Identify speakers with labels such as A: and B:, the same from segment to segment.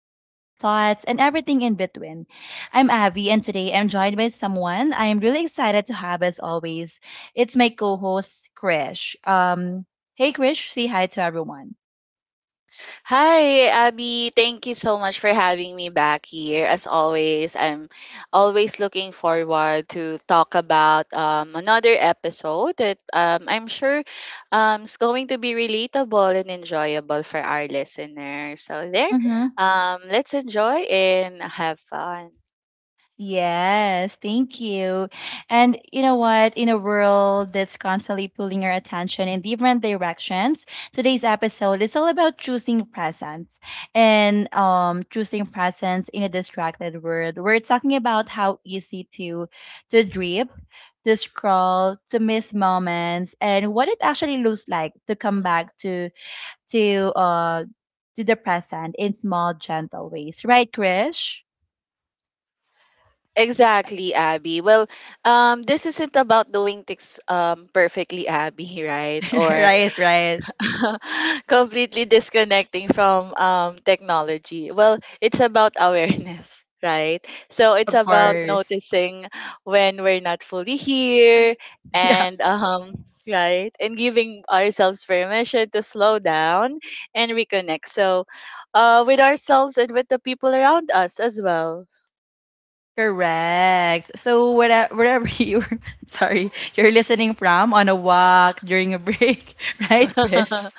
A: the honest thoughts, and everything in between. I'm Abby, and today I'm joined by someone I'm really excited to have as always. It's my co host, Krish. Hey Krish, say hi to everyone.
B: Hi, Abby. Thank you so much for having me back here. As always, I'm always looking forward to talk about another episode that I'm sure is going to be relatable and enjoyable for our listeners. So there,
A: Mm-hmm.
B: let's enjoy and have fun.
A: Yes, thank you. And you know what? In a world that's constantly pulling our attention in different directions, today's episode is all about choosing presence and choosing presence in a distracted world. We're talking about how easy to drip, to scroll, to miss moments, and what it actually looks like to come back to uh to the present in small, gentle ways. Right, Krish?
B: Exactly, Abby. Well, this isn't about doing things perfectly, Abby, right? Or
A: right, right.
B: completely disconnecting from technology. Well, it's about awareness, right? So it's
A: Of
B: about
A: course.
B: noticing when we're not fully here
A: Yeah,
B: and right, and giving ourselves permission to slow down and reconnect. So with ourselves and with the people around us as well.
A: correct. So wherever you're listening from, on a walk, during a break, right, Chris?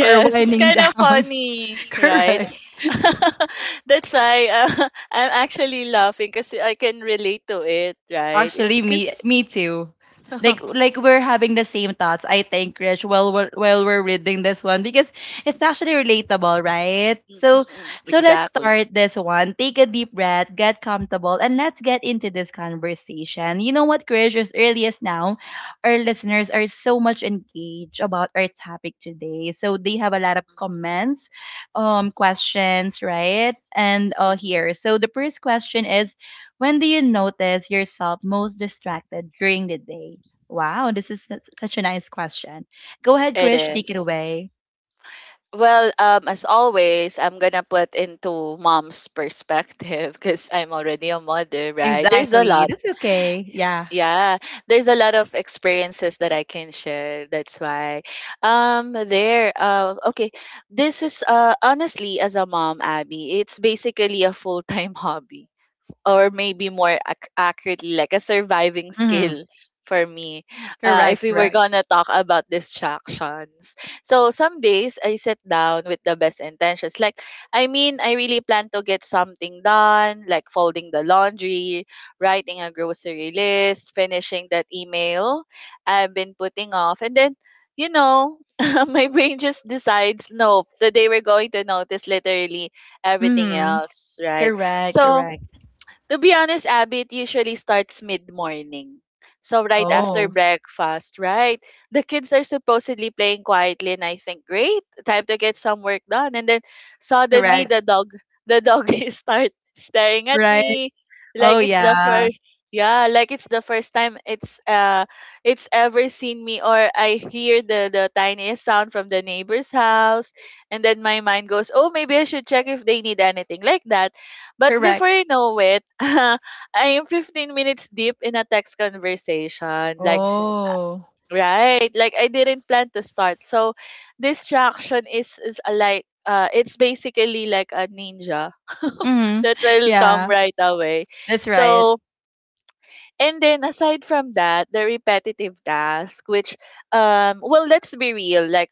A: Or
B: it's
A: winding
B: kind of
A: down.
B: funny, right?
A: Correct.
B: That's why I'm actually laughing because I can relate to it, right? It's
A: Actually, me
B: because
A: me too. Like like we're having the same thoughts, I think, Rich, while we're reading this one, because it's actually relatable, right? So let's
B: exactly.
A: start this one. Take a deep breath, get comfortable, and let's get into this conversation. You know what, Krish? As early as now, our listeners are so much engaged about our topic today. So they have a lot of
B: Mhm,
A: comments, questions, right? And
B: mhm.
A: here. So the first question is, when do you notice yourself most distracted during the day? Wow, this is such a nice question. Go ahead,
B: It
A: Krish, take it
B: is.
A: away.
B: Well, as always, I'm gonna put into mom's perspective because I'm already a mother, right? There's a
A: Exactly.
B: lot.
A: That's okay. Yeah.
B: Yeah, there's a lot of experiences that I can share. That's why, there. Okay, this is honestly, as a mom, Abby, it's basically a full time hobby, or maybe more accurately like a surviving
A: Hmm.
B: skill for me, if
A: Correct,
B: we were
A: correct.
B: gonna talk about distractions. So some days I sit down with the best intentions, like, I really plan to get something done, like folding the laundry, writing a grocery list, finishing that email I've been putting off. And then, you know my brain just decides, nope, today we're going to notice literally everything
A: Hmm.
B: else, right?
A: Correct,
B: So
A: correct.
B: to be honest, Abby, it usually starts mid morning. So right after
A: Oh,
B: breakfast, right? The kids are supposedly playing quietly and I think, great, time to get some work done. And then suddenly
A: correct.
B: the dog, is start staring at
A: Right.
B: me
A: Oh,
B: like it's the
A: yeah.
B: first, yeah, like it's the first time it's ever seen me. Or I hear the tiniest sound from the neighbor's house, and then my mind goes, "Oh, maybe I should check if they need anything," like that. But before
A: Correct.
B: you know it, I am 15 minutes deep in a text conversation. Like,
A: Oh.
B: right? Like, I didn't plan to start. So distraction is a, like, it's basically like a ninja
A: Hmm.
B: that will come
A: Yeah,
B: right away.
A: that's right.
B: So, and then aside from that, the repetitive task, which, well, let's be real. Like,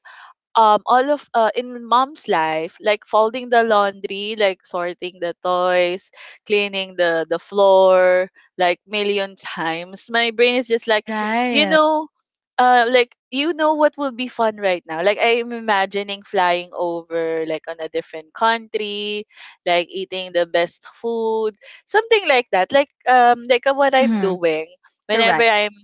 B: all of in mom's life, like folding the laundry, like sorting the toys, cleaning the floor like million times, my brain is just like, you
A: Right.
B: know, like, you know what will be fun right now, like I'm imagining flying over, like, on a different country, like eating the best food, something like that, like what I'm
A: Hmm.
B: doing whenever
A: Correct,
B: I'm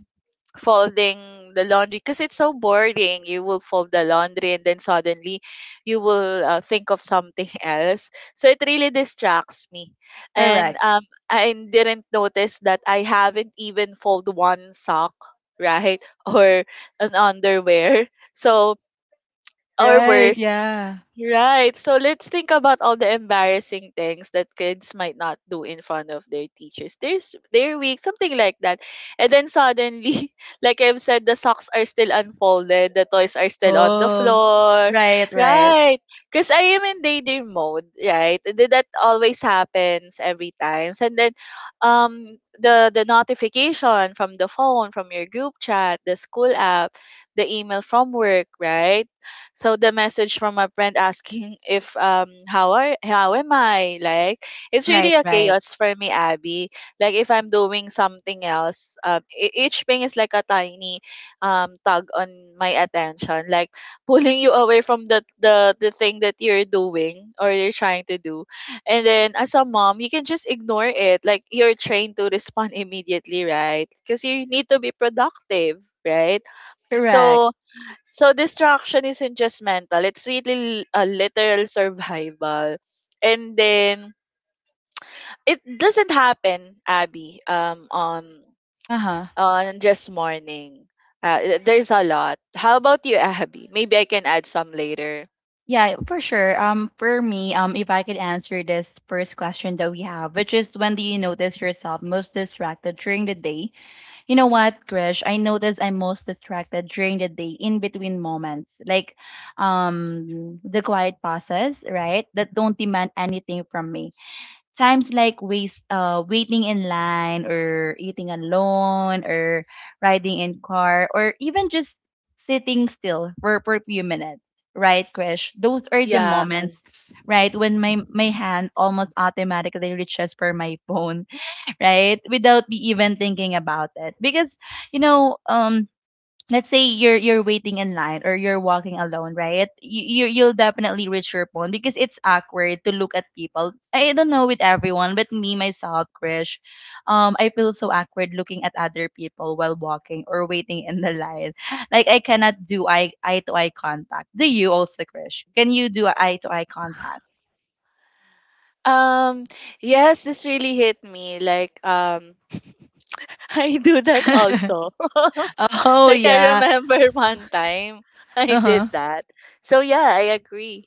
B: folding the laundry, because it's so boring. You will fold the laundry and then suddenly you will think of something else. So it really distracts me. And
A: correct.
B: I didn't notice that I haven't even fold one sock, right? Or an underwear. So, or
A: Right,
B: worse,
A: yeah.
B: right. So let's think about all the embarrassing things that kids might not do in front of their teachers. There's they're weak, something like that. And then suddenly, like I've said, the socks are still unfolded, the toys are still on the
A: Oh,
B: floor.
A: right, right.
B: Right. Because I am in daydream mode, right? That always happens every time. And then the notification from the phone, from your group chat, the school app, the email from work, right? So the message from a friend asking if how are, how am I, like, it's really
A: Right,
B: a
A: right.
B: chaos for me, Abby, like if I'm doing something else. Each thing is like a tiny tug on my attention, like pulling you away from the thing that you're doing or you're trying to do. And then as a mom you can just ignore it, like you're trained to respond immediately, right? Because you need to be productive, right?
A: Correct.
B: So, so distraction isn't just mental, it's really a literal survival. And then it doesn't happen, Abby, on
A: Uh-huh.
B: on just morning. There's a lot. How about you, Abby? Maybe I can add some later.
A: Yeah, for sure. For me, if I could answer this first question that we have, which is, when do you notice yourself most distracted during the day? You know what, Krish? I notice I'm most distracted during the day in between moments, like the quiet pauses, right? That don't demand anything from me. Times like waiting in line or eating alone or riding in car or even just sitting still for a few minutes, right, Krish? Those are the
B: Yeah.
A: moments, right, when my hand almost automatically reaches for my phone, right, without me even thinking about it. Because, you know, let's say you're waiting in line or you're walking alone, right? You, you'll definitely reach your phone because it's awkward to look at people. I don't know with everyone, but me myself, Krish, I feel so awkward looking at other people while walking or waiting in the line. Like I cannot do eye to eye contact. Do you also, Krish? Can you do eye to eye contact?
B: Um yes, this really hit me, like I do that also.
A: oh
B: Like I
A: yeah.
B: remember one time I
A: Uh huh.
B: did that. So yeah, I agree.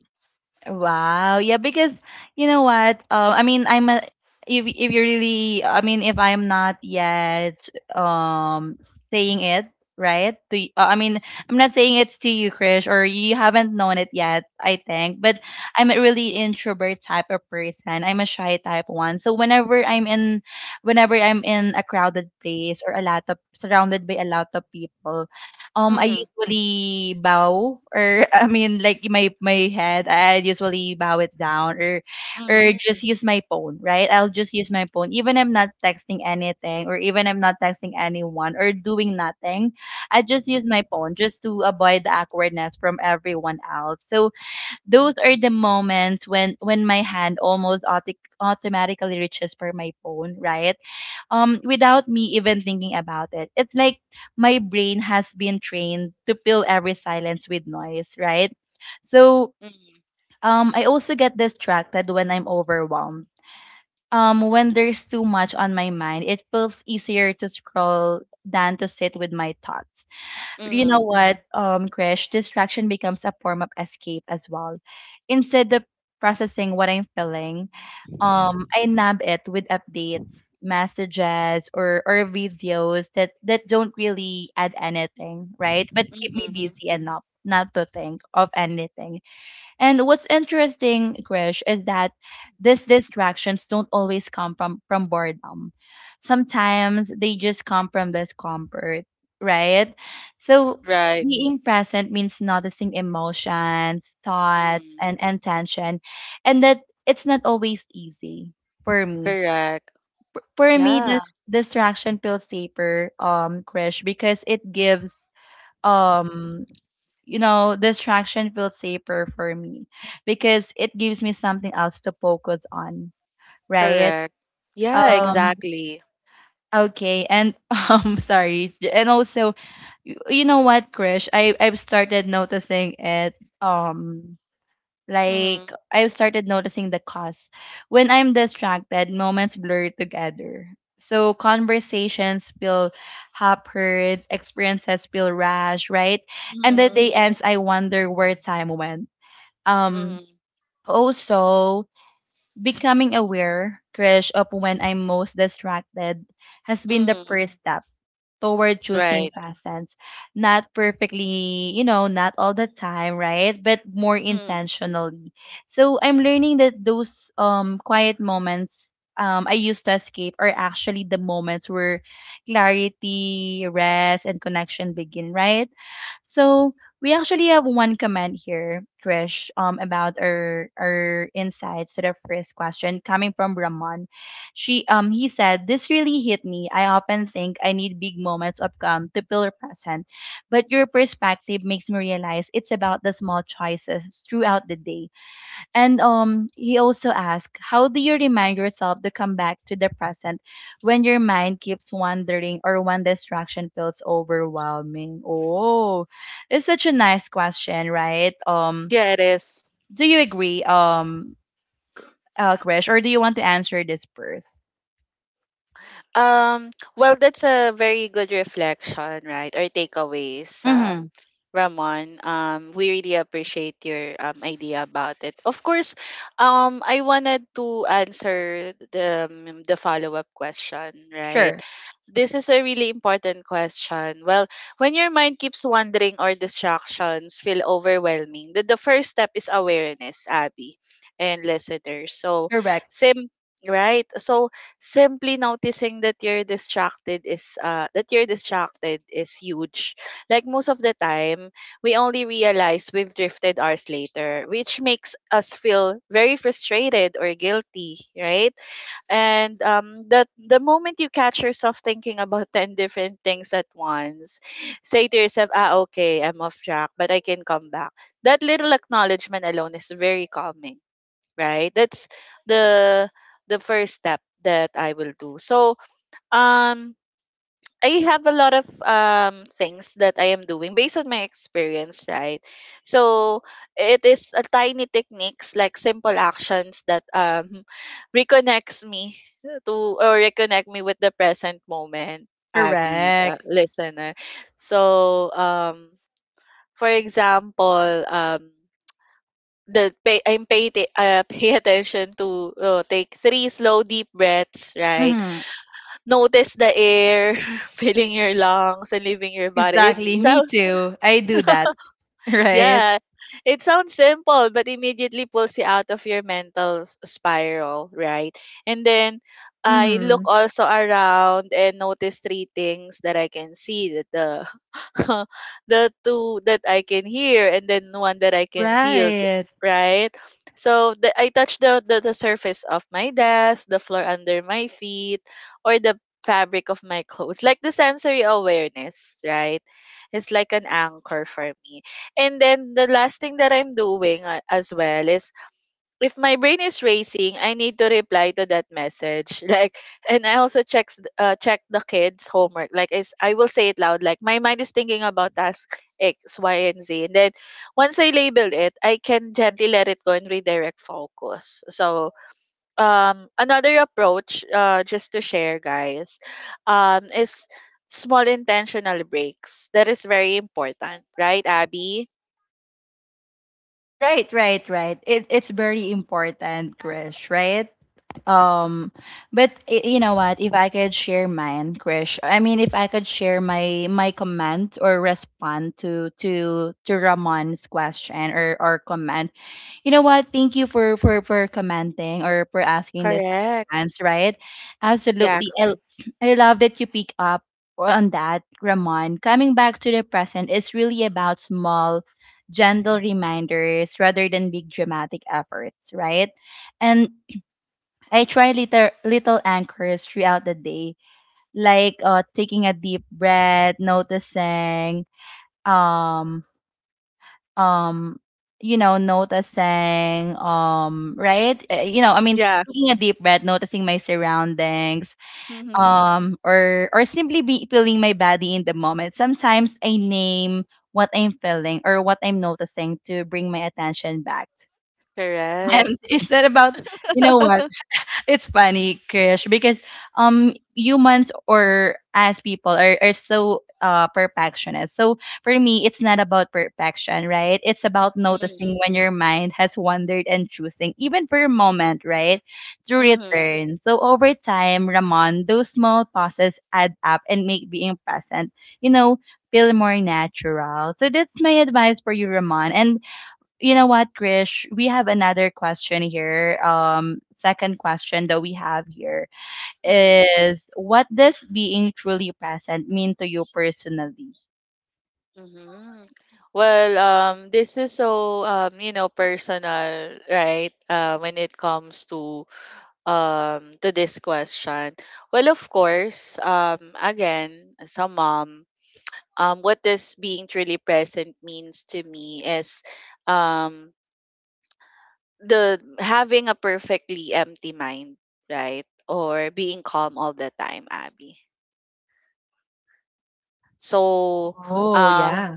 A: Wow. Yeah, because you know what? I mean, I'm a if you really, I mean, if I'm not yet um saying it right to, I mean, I'm not saying it's to you, Krish, or you haven't known it yet, I think. But I'm a really introvert type of person. I'm a shy type one. So whenever I'm in a crowded place or a lot of surrounded by a lot of people, I
B: Mhm.
A: usually bow, or I mean like my head, I usually bow it down, or
B: Mhm.
A: just use my phone, right? I'll just use my phone. Even I'm not texting anything, or even I'm not texting anyone or doing nothing. I just use my phone just to avoid the awkwardness from everyone else. So those are the moments when my hand almost autic automatically reaches for my phone, right? Without me even thinking about it. It's like my brain has been trained to fill every silence with noise, right? So
B: Mhm.
A: I also get distracted when I'm overwhelmed. When there's too much on my mind, it feels easier to scroll than to sit with my thoughts. You know
B: Mhm,
A: what, Krish, distraction becomes a form of escape as well. Instead of processing what I'm feeling, I nab it with updates, messages, or videos that don't really add anything, right? But keep me
B: mhm.
A: busy enough not to think of anything. And what's interesting, Krish, is that these distractions don't always come from boredom. Sometimes they just come from discomfort, right? So
B: Right.
A: being present means noticing emotions, thoughts,
B: Mm.
A: and intention, and that, it's not always easy for me.
B: Correct.
A: For me,
B: Yeah,
A: this distraction feels safer, Krish, because it gives um distraction feels safer for me because it gives me something else to focus on, right?
B: correct. Yeah,
A: Um,
B: exactly.
A: okay, and sorry, and also, you know what, Krish, I've started noticing it. Um,
B: Mhm,
A: like I've started noticing the cost when I'm distracted. Moments blur together. So conversations feel hampered, experiences feel rash, right? And the
B: mhm,
A: day ends, I wonder where time went. um,
B: mhm,
A: Also, becoming aware, Krish, of when I'm most distracted has been the
B: mhm.
A: first step toward choosing
B: Right.
A: presents. Not perfectly, you know, not all the time, right? But more
B: Mm.
A: intentionally. So I'm learning that those quiet moments I used to escape are actually the moments where clarity, rest, and connection begin, right? So we actually have one comment here, Krish, about our insights to the first question, coming from Ramon. She He said, "This really hit me. I often think I need big moments of calm to feel present. But your perspective makes me realize it's about the small choices throughout the day." And he also asked, "How do you remind yourself to come back to the present when your mind keeps wandering or when distraction feels overwhelming?" Oh, it's such a nice question, right?
B: Yeah, it is.
A: Do you agree, Krish, or do you want to answer this first?
B: Um, well, that's a very good reflection, right? Or takeaways,
A: Mm-hmm.
B: Ramon. We really appreciate your idea about it. Of course, I wanted to answer the follow up question, right?
A: Sure.
B: This is a really important question. Well, when your mind keeps wandering or distractions feel overwhelming, the, first step is awareness, Abby and listeners. So,
A: Correct,
B: sim right? So simply noticing that you're distracted is huge. Like most of the time we only realize we've drifted hours later, which makes us feel very frustrated or guilty, right? And that the moment you catch yourself thinking about 10 different things at once, say to yourself, ah, okay, I'm off track but I can come back. That little acknowledgement alone is very calming, right? That's the, first step that I will do. So, um I have a lot of things that I am doing based on my experience, right? So, it is a tiny techniques, like simple actions that reconnects me to, or reconnect me with the present moment, Abby,
A: correct.
B: listener. So, for example, the pay I'm pay t- pay attention to, take three slow deep breaths,
A: Mhm.
B: right?
A: Yeah.
B: Notice the air filling your lungs and leaving your body. It's
A: Exactly. Me
B: so,
A: too. I do that. Right.
B: yeah, it sounds simple, but immediately pulls you out of your mental spiral, right? And then I look
A: Mhm.
B: also around and notice three things that I can see, that the the two that I can hear, and then one that I can feel,
A: Right.
B: right? So the, I touch the, surface of my desk, the floor under my feet, or the fabric of my clothes. Like the sensory awareness, right? It's like an anchor for me. And then the last thing that I'm doing as well is, if my brain is racing, I need to reply to that message. Like, and I also checks check the kids' homework. Like, is, I will say it loud. Like, my mind is thinking about task X, Y, and Z. And then once I label it, I can gently let it go and redirect focus. So, another approach, just to share, guys, is small intentional breaks. That is very important, right, Abby?
A: Right, right, right. It's very important, Krish, right? Um, but you know what? If I could share mine, Krish, I mean, if I could share my comment or respond to Ramon's question or comment. You know what? Thank you for commenting or for asking this
B: Correct.
A: chance, right?
B: Yeah.
A: Absolutely. I love that you pick up on that, Ramon. Coming back to the present is really about small, gentle reminders rather than big dramatic efforts, right? And I try little anchors throughout the day, like taking a deep breath, noticing um um noticing right. I mean,
B: Yeah.
A: taking a deep breath, noticing my surroundings,
B: Mm-hmm.
A: or simply be feeling my body in the moment. Sometimes I name what I'm feeling or what I'm noticing to bring my attention back.
B: Correct.
A: And it's not about, you know what, it's funny, Krish, because humans, or as people are so perfectionist. So for me, it's not about perfection, right? It's about
B: Mm,
A: noticing when your mind has wandered and choosing, even for a moment, right? To
B: mhm,
A: return. So over time, Ramon, those small pauses add up and make being present, you know, feel more natural. So that's my advice for you, Ramon. And you know what, Krish? We have another question here. Second question that we have here
B: mm,
A: is, what does being truly present mean to you personally?
B: mhm. Well, this is so you know, personal, right? When it comes to this question. Well, of course, again, as a mom, what this being truly present means to me is, um, the having a perfectly empty mind, right? Or being calm all the time, Abby. So,
A: Oh
B: um,
A: yeah.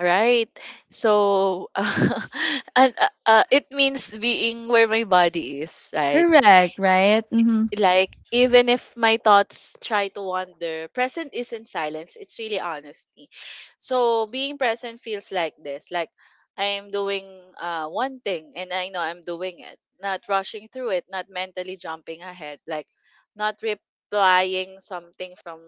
B: right. So, and it means being where my body is, right?
A: Correct, right? Mm-hmm.
B: Like, even if my thoughts try to wander, present isn't silence, it's really honesty. So being present feels like this, like I am doing one thing and I know I'm doing it, not rushing through it, not mentally jumping ahead, like not replying something from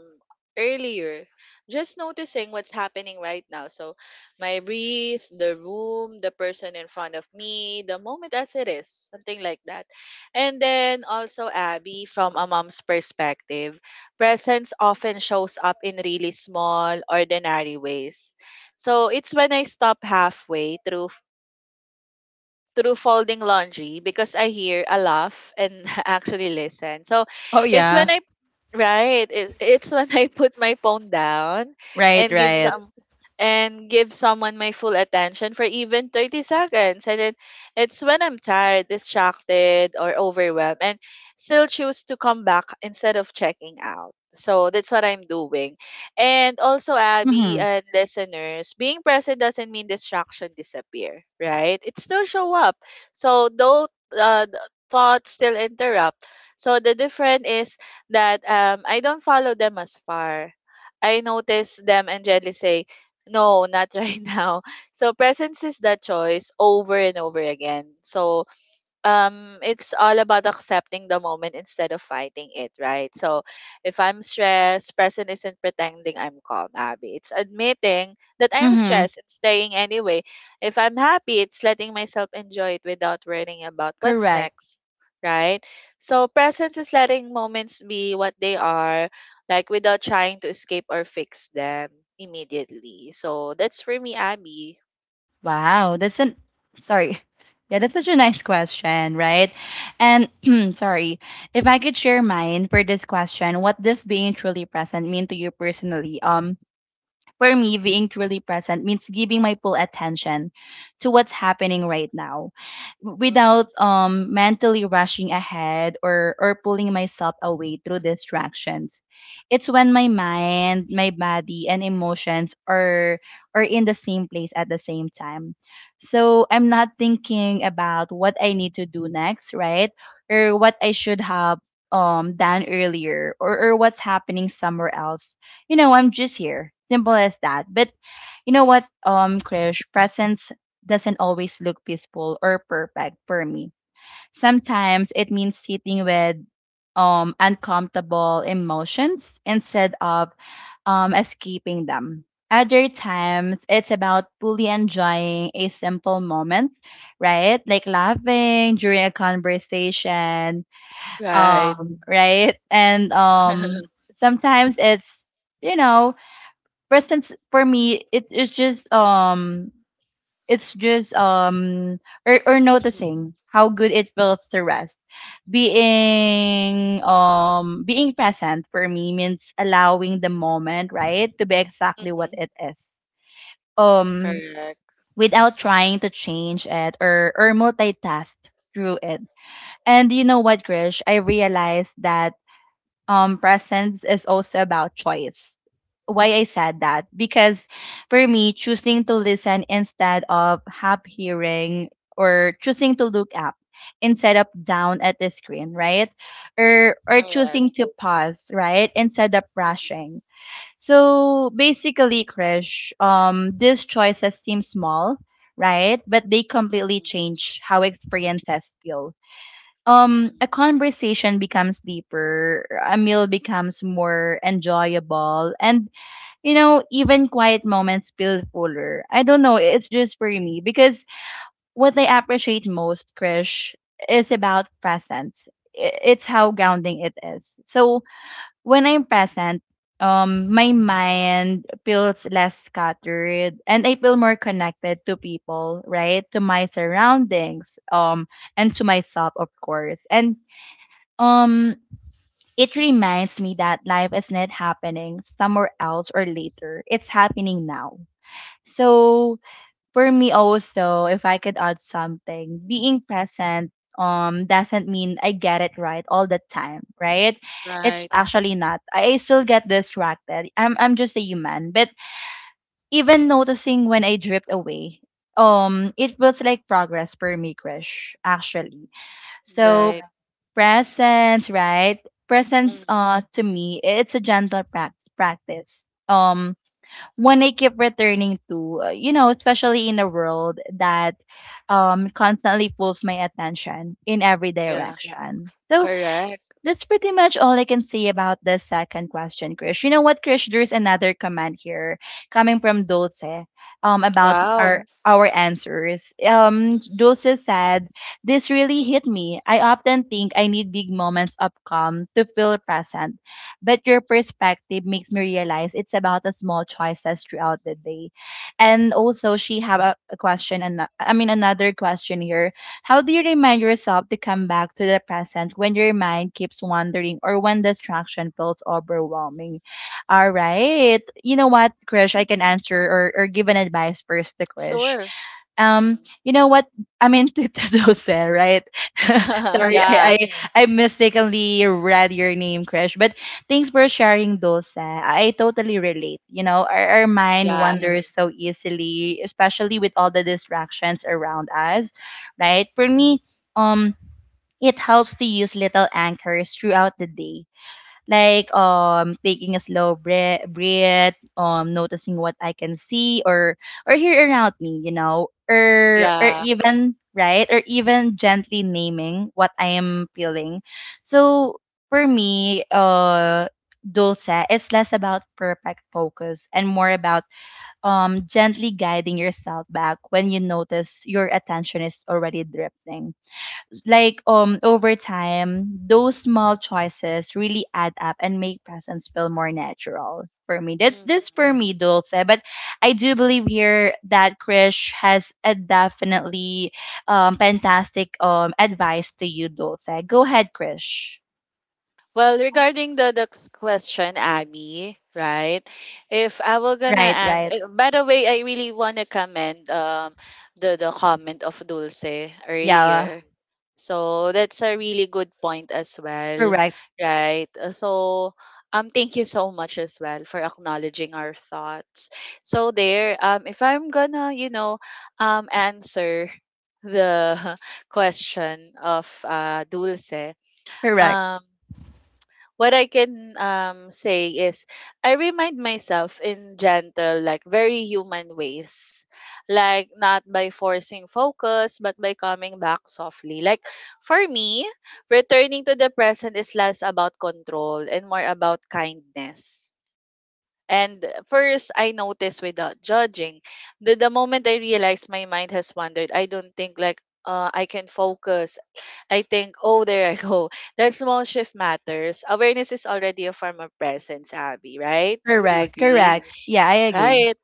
B: earlier, just noticing what's happening right now. So my breath, the room, the person in front of me, the moment as it is, something like that. And then also, Abby, from a mom's perspective, presence often shows up in really small, ordinary ways. So it's when I stop halfway through folding laundry because I hear a laugh and actually listen. So
A: Oh
B: it's when
A: yeah.
B: I, right, it, it's when I put my phone down
A: Right,
B: and give
A: right.
B: some, and give someone my full attention for even 30 seconds. And then it's when I'm tired, distracted or overwhelmed and still choose to come back instead of checking out. So that's what I'm doing. And also, Abby
A: Mm-hmm.
B: and listeners, being present doesn't mean distraction disappear, right? It still show up. So though uh, th- thoughts still interrupt. So the difference is that I don't follow them as far. I notice them and gently say, no, not right now. So presence is that choice over and over again. So it's all about accepting the moment instead of fighting it, right? So if I'm stressed, present isn't pretending I'm calm, Abby. It's admitting that I'm
A: Mm-hmm.
B: stressed and staying anyway. If I'm happy, it's letting myself enjoy it without worrying about what's
A: Correct.
B: next. Right, so presence is letting moments be what they are, like without trying to escape or fix them immediately. So that's for me, Abby.
A: Wow, that's an sorry. Yeah, that's such a nice question, right? And sorry, if I could share mine for this question, what does being truly present mean to you personally? For me, being truly present means giving my full attention to what's happening right now,
B: Mm,
A: without mentally rushing ahead, or pulling myself away through distractions. It's when my mind, my body, and emotions are in the same place at the same time. So I'm not thinking about what I need to do next, right? Or what I should have done earlier, or what's happening somewhere else. I'm just here. Simple as that. But you know what, Krish, presence doesn't always look peaceful or perfect for me. Sometimes it means sitting with uncomfortable emotions instead of escaping them. Other times it's about fully enjoying a simple moment, right? Like laughing during a conversation,
B: right.
A: right? And sometimes it's you know presence for me, it is just, it's just or,
B: Mhm,
A: noticing how good it feels to rest. Being present for me means allowing the moment, right, to be exactly what
B: mhm.
A: it is, um
B: Correct.
A: without trying to change it or multitask through it. And you know what, Grish? I realized that presence is also about choice. Why I said that? Because
B: Mm,
A: for me, choosing to listen instead of half hearing or choosing to look up instead of down at the screen, right? Or
B: correct.
A: choosing to pause, right? Instead of
B: Mm,
A: rushing. So basically, Krish, these choices seem small, right? But they
B: mm,
A: completely
B: mm.
A: change how experiences feel.
B: Mm.
A: A conversation becomes deeper, a meal becomes more enjoyable, and you know, even quiet moments feel fuller. I don't know, it's just for me because what I appreciate most, Krish, is about presence. It's how grounding it is. So when I'm present, my mind feels less scattered and I feel more connected to people, right? To my surroundings, and to myself, of course. And um, it reminds me that life is not happening somewhere else or later. It's happening now. So for me also, if I could add something, being present doesn't mean I get it right all the time, right? It's
B: Right,
A: actually not. I still get distracted. I'm just a human. But even noticing when I drift away, it feels like progress for me, Krish, actually. So
B: right.
A: presence, right?
B: Mm,
A: Presence to me, it's a gentle practice, um one I keep returning to, you know, especially in a world that constantly pulls my attention in every
B: yeah,
A: direction. So
B: correct.
A: that's pretty much all I can say about the second question, Krish. You know what, Krish? There's another comment here coming from Dulce about Yeah.
B: Wow.
A: Our answers.
B: Mm,
A: Dulce said, "This really hit me. I often think I need big moments of calm to feel present, but your perspective makes me realize it's about the small choices throughout the day." And also, she have a question, and I mean another question here. How do you remind yourself to come back to the present when your mind keeps wandering or when distraction feels overwhelming? All right. You know what, Krish? I can answer or give an advice first to Krish.
B: sure. Mm.
A: You know what? I mean, Tita Dosel, right? Sorry,
B: Yeah,
A: I, Yes. I mistakenly read your name, Krish. But thanks for sharing, Dosa. I totally relate. You know, our mind
B: yeah,
A: wanders Yes. so easily, especially with all the distractions around us, right? For me, um, it helps to use little anchors throughout the day, like taking a slow breath, noticing what I can see or hear around me, you know, or
B: yeah.
A: even right or even gently naming what I am feeling. So for me, Dulce, it's less about perfect focus and more about gently guiding yourself back when you notice your attention is already drifting. Like over time, those small choices really add up and make presence feel more natural for me. That's
B: Mm.
A: this for me, Dulce. But I do believe here that Krish has a definitely fantastic advice to you, Dulce. Go ahead, Krish.
B: Well, regarding the question, Abby, right? If I were gonna
A: Right,
B: answer,
A: right.
B: by the way, I really wanna commend the comment of Dulce
A: Yeah,
B: earlier. So that's a really good point as well,
A: correct,
B: right? So thank you so much as well for acknowledging our thoughts. So there, if I'm gonna, you know, answer the question of Dulce,
A: correct,
B: um what I can say is I remind myself in gentle, like very human ways. Like not by forcing focus, but by coming back softly. Like for me, returning to the present is less about control and more about kindness. And first, I notice without judging. The moment I realize my mind has wandered, I don't think like I can focus, I think, oh, there I go. That small shift matters. Awareness is already a form of presence, Abby, right? You
A: correct,
B: agree?
A: correct. Yeah, I agree.
B: Right.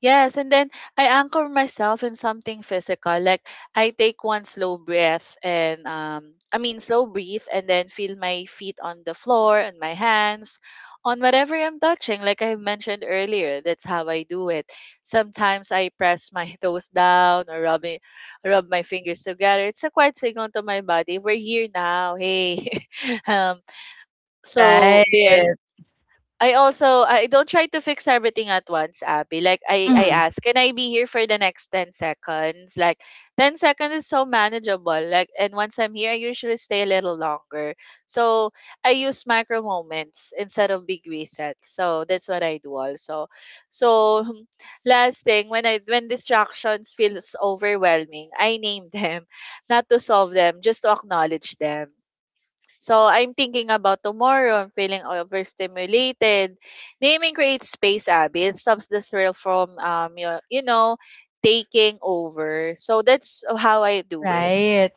B: Yes, and then I anchor myself in something physical. Like I take one slow breath and I mean slow breathe and then feel my feet on the floor and my hands on whatever I'm touching. Like I mentioned earlier, that's how I do it. Sometimes I press my toes down or rub my fingers together. It's a quiet signal to my body. We're here now. Hey. um
A: Right.
B: so there, I also, I don't try to fix everything at once, Abby. Like I
A: Mm,
B: ask, can I be here for the next 10 seconds? Like 10 seconds is so manageable. Like, and once I'm here, I usually stay a little longer. So I use micro moments instead of big resets. So that's what I do also. So hmm, last thing, when distractions feels overwhelming, I name them, not to solve them, just to acknowledge them. So I'm thinking about tomorrow. I'm feeling overstimulated. Naming creates space, Abby. It stops the thrill from you know, taking over. So that's how I do it.
A: right.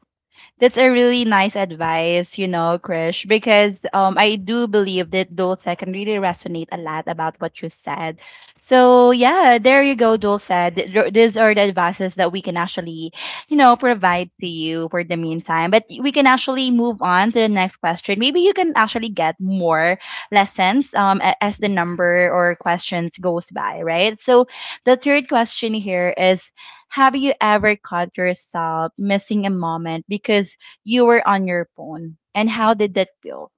A: That's a really nice advice, you know, Krish, because I do believe that Dulcet can really resonate a lot about what you said. So, yeah, there you go, Dulcet. These are the advices that we can actually, you know, provide to you for the meantime. But we can actually move on to the next question. Maybe you can actually get more lessons as the number or questions goes by, right? So, the third question here is, have you ever caught yourself missing a moment because you were on your phone? And how did that feel?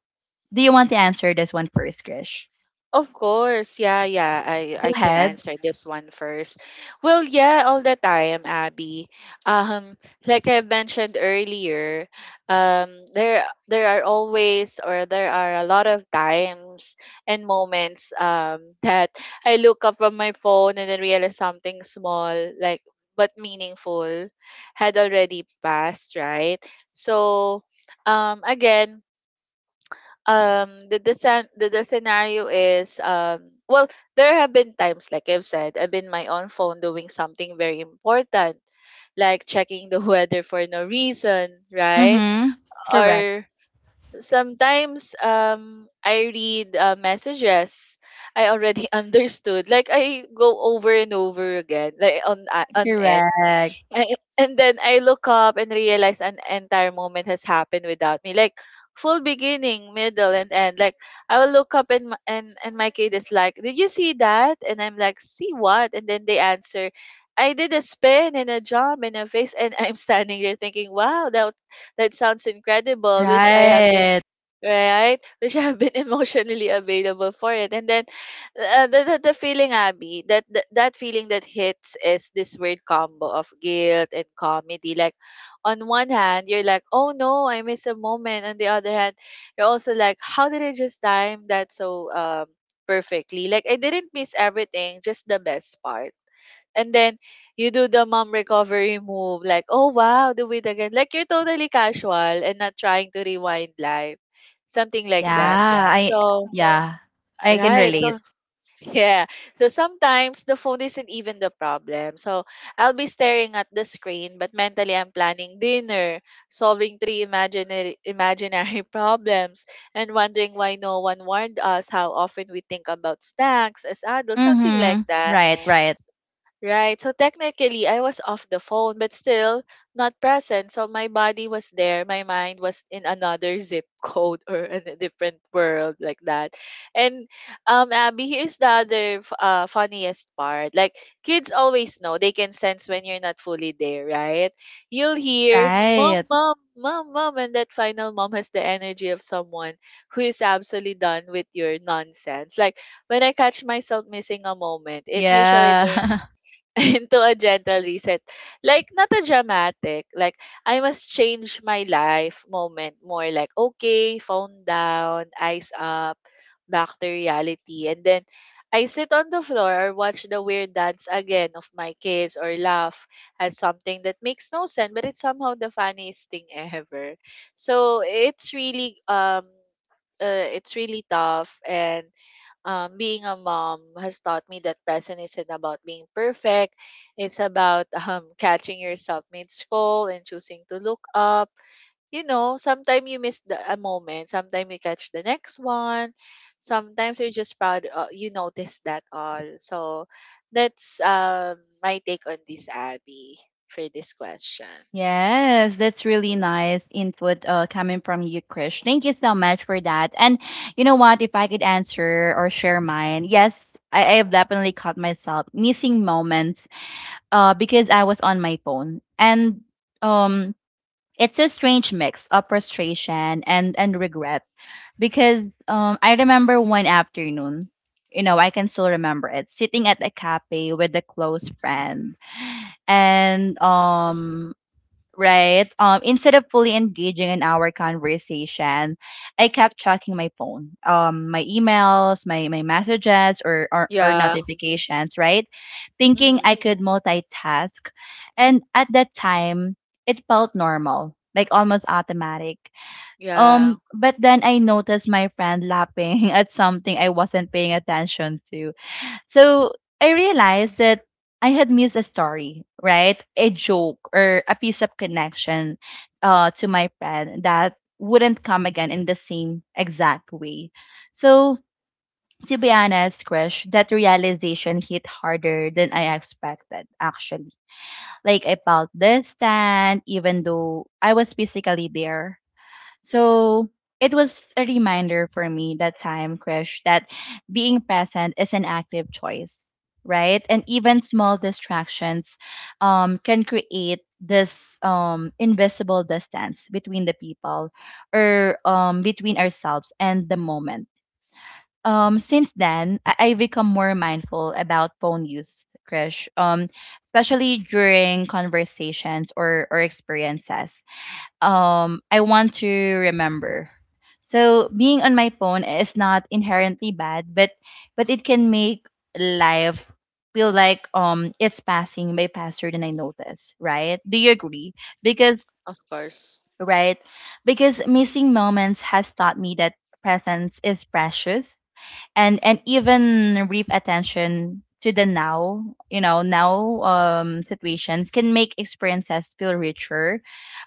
A: Do you want to answer this one first, Krish?
B: Of course, yeah, yeah. I
A: Go
B: I can
A: ahead.
B: answer this one first. Well, yeah, all the time, Abby. Um, like I mentioned earlier, there are always, or there are a lot of times and moments that I look up on my phone and then realize something small, like but meaningful, had already passed, right? So, again, the scenario is, well, there have been times, like I've said, I've been my own phone doing something very important, like checking the weather for no reason, right?
A: Mm-hmm. Correct.
B: Or sometimes I read messages I already understood, like I go over and over again, like on end.
A: Correct.
B: I, and then I look up and realize an entire moment has happened without me. Like full beginning, middle, and end. Like I will look up and my kid is like, "Did you see that?" And I'm like, "See what?" And then they answer, "I did a spin and a jump and a face." And I'm standing there thinking, "Wow, that that sounds incredible. Wish I had been
A: Right.
B: Right? We should have been emotionally available for it." And then the feeling, Abby, that, that feeling that hits is this weird combo of guilt and comedy. Like, on one hand, you're like, oh no, I missed a moment. On the other hand, you're also like, how did I just time that so perfectly? Like, I didn't miss everything, just the best part. And then you do the mom recovery move, like, oh wow, do it again. Like you're totally casual and not trying to rewind life. Something like that.
A: Yeah. I
B: So
A: yeah. I can
B: right. So
A: relate.
B: yeah. So sometimes the phone isn't even the problem. So I'll be staring at the screen, but mentally I'm planning dinner, solving three imaginary problems, and wondering why no one warned us how often we think about snacks as adults, something like
A: Mm-hmm.
B: that.
A: Right, right.
B: Right. So technically, I was off the phone, but still not present. So my body was there. My mind was in another zip code or in a different world, like that. And Abby, here's the other funniest part. Like kids always know, they can sense when you're not fully there, right? You'll hear mom,
A: Right.
B: mom, mom, mom, and that final mom has the energy of someone who is absolutely done with your nonsense. Like when I catch myself missing a moment, it usually
A: Yeah.
B: turns into a gentle reset. Like, not a dramatic, like, I must change my life moment. More like, okay, phone down, eyes up, back to reality. And then I sit on the floor or watch the weird dance again of my kids, or laugh at something that makes no sense, but it's somehow the funniest thing ever. So it's really tough. And being a mom has taught me that present isn't about being perfect. It's about catching yourself mid-scroll and choosing to look up. You know, sometimes you miss a moment. Sometimes you catch the next one. Sometimes you're just proud. You notice that all. So that's my take on this, Abby, for this question.
A: Yes, that's really nice input coming from you, Krish. Thank you so much for that. And you know what? If I could answer or share mine, yes, I have definitely caught myself missing moments because I was on my phone. And um, it's a strange mix of frustration and regret because I remember one afternoon, you know, I can still remember it, sitting at a cafe with a close friend and
B: Mm-hmm.
A: right? Instead of fully engaging in our conversation, I kept checking my phone, my emails, my messages, or or
B: Yeah.
A: notifications, right? Thinking I
B: Mm-hmm.
A: could multitask, and at that time, it felt normal, like almost automatic.
B: Yeah,
A: But then I noticed my friend laughing at something I wasn't paying attention to, so I realized that I had missed a story, right? A joke or a piece of connection to my friend that wouldn't come again in the same exact way. So to be honest, Krish, that realization hit harder than I expected, actually. Like I felt distant even though I was physically there. So it was a reminder for me that time, Krish, that being present is an active choice, right? And even small distractions can create this invisible distance between the people or between ourselves and the moment. Since then, I've become more mindful about phone use, Krish, especially during conversations or experiences I want to remember. So being on my phone is not inherently bad, but it can make life feel like it's passing by faster than I notice, right? Do you agree? Because
B: of course.
A: right? Because missing moments has taught me that presence is precious, and even brief attention to the now, you know, now situations can make experiences feel richer,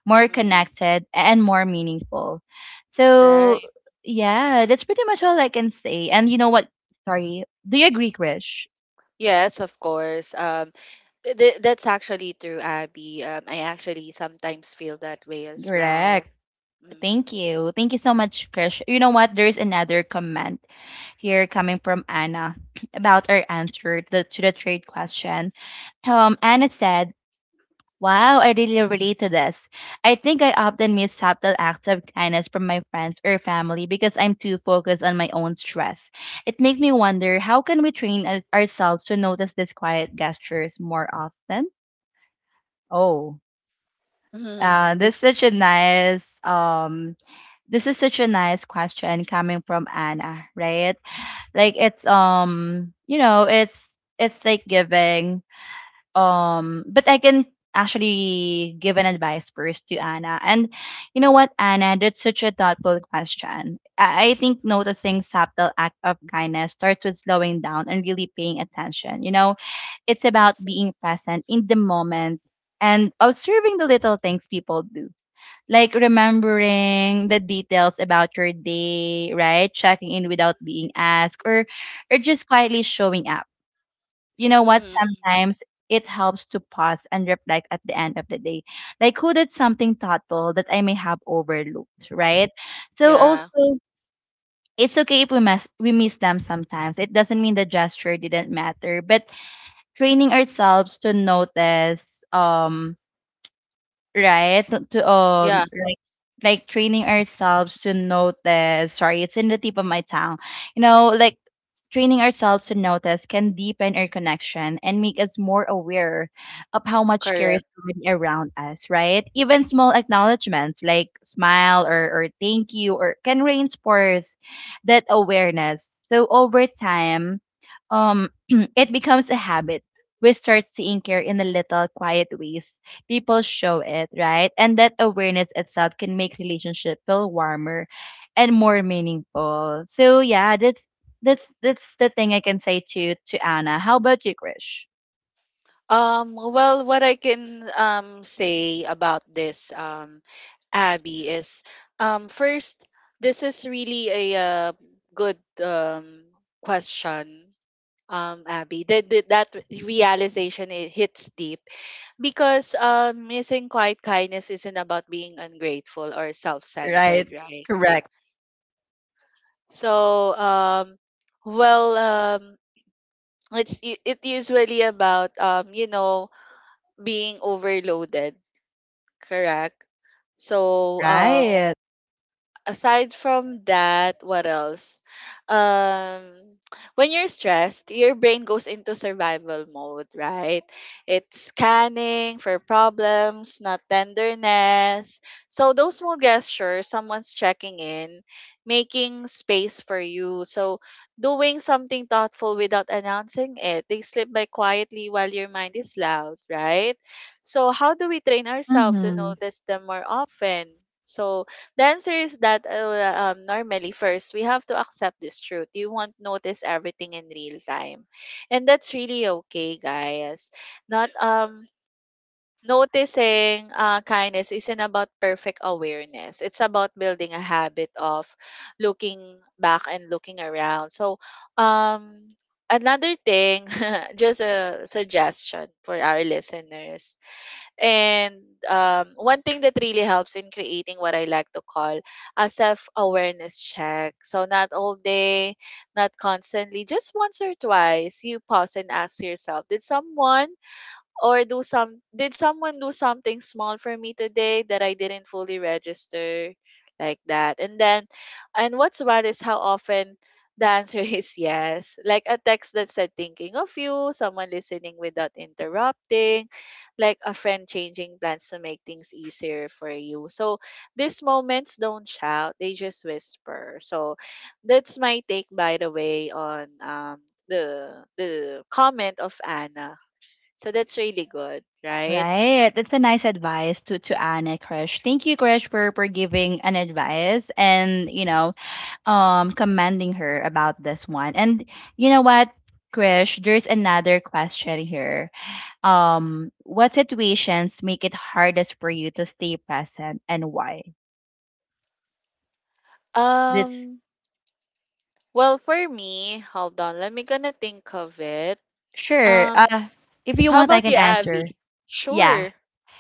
A: more
B: Mm.
A: connected, and more meaningful. So
B: Right.
A: yeah, that's pretty much all I can say. And you know what, sorry, do you agree, Krish?
B: Yes, of course. That's actually true, Abby. I actually sometimes feel that way as well.
A: Correct. Thank
B: Mm.
A: you, thank you so much, Krish. You know what, there's another comment here coming from Anna about our answer to the trade question. Anna said, "Wow, I really relate to this. I think I often miss subtle acts of kindness from my friends or family because I'm too focused on my own stress. It makes me wonder, how can we train ourselves to notice these quiet gestures more often?" Oh,
B: Mhm.
A: this is such a nice this is such a nice question coming from Anna, right? Like it's you know, it's like giving. But I can actually give an advice first to Anna. And you know what, Anna, that's such a thoughtful question. I think noticing subtle act of kindness starts with slowing down and really paying attention. You know, it's about being present in the moment and observing the little things people do. Like remembering the details about your day, right? Checking in without being asked, or just quietly showing up. You know what?
B: Mhm.
A: Sometimes it helps to pause and reflect at the end of the day. Like, who did something thoughtful that I may have overlooked, right? So also,
B: Yeah.
A: it's okay if we miss them sometimes. It doesn't mean the gesture didn't matter, but training ourselves to notice right? To,
B: Yeah,
A: like training ourselves to notice. Sorry, it's in the tip of my tongue. You know, like training ourselves to notice can deepen our connection and make us more aware of how much care is
B: correct.
A: already around us, right? Even small acknowledgments like smile or thank you or can reinforce that awareness. So over time, it becomes a habit. We start seeing care in the little quiet ways people show it, right? And that awareness itself can make relationship feel warmer and more meaningful. So yeah, that's that's the thing I can say to Anna. How about you, Krish?
B: Well, what I can say about this, Abby, is first, this is really a good question, Abby, that that realization, it hits deep. Because missing quiet kindness isn't about being ungrateful or
A: Right.
B: self-centered, right?
A: Correct.
B: So, well, it usually about, you know, being overloaded, correct? So,
A: Right.
B: aside from that, what else? Um, when you're stressed, your brain goes into survival mode, right? It's scanning for problems, not tenderness. So those small gestures, someone's checking in, making space for you. So doing something thoughtful without announcing it. They slip by quietly while your mind is loud, right? So how do we train ourselves to
A: Mm-hmm.
B: notice them more often? So the answer is that normally, first, we have to accept this truth. You won't notice everything in real time. And that's really okay, guys. Not noticing kindness isn't about perfect awareness, it's about building a habit of looking back and looking around. So, um, another thing, just a suggestion for our listeners. And one thing that really helps in creating what I like to call a self awareness check. So, not all day, not constantly, just once or twice, you pause and ask yourself, did someone, or do some did someone do something small for me today that I didn't fully register, like that? And then, and what's bad is how often the answer is yes. Like a text that said thinking of you, someone listening without interrupting, like a friend changing plans to make things easier for you. So these moments don't shout, they just whisper. So that's my take, by the way, on the comment of Anna. So that's really good, right?
A: Right. That's a nice advice to Anna, Krish. Thank you, Krish, for giving an advice and you know
B: Mhm.
A: commending her about this one. And you know what, Krish, there's another question here. What situations make it hardest for you to stay present and why? That's
B: Um, well, for me, hold on. Let me gonna think of it.
A: sure.
B: Um,
A: If you
B: how
A: want, I
B: about
A: can
B: you,
A: answer.
B: Avi?
A: Yeah,
B: Sure.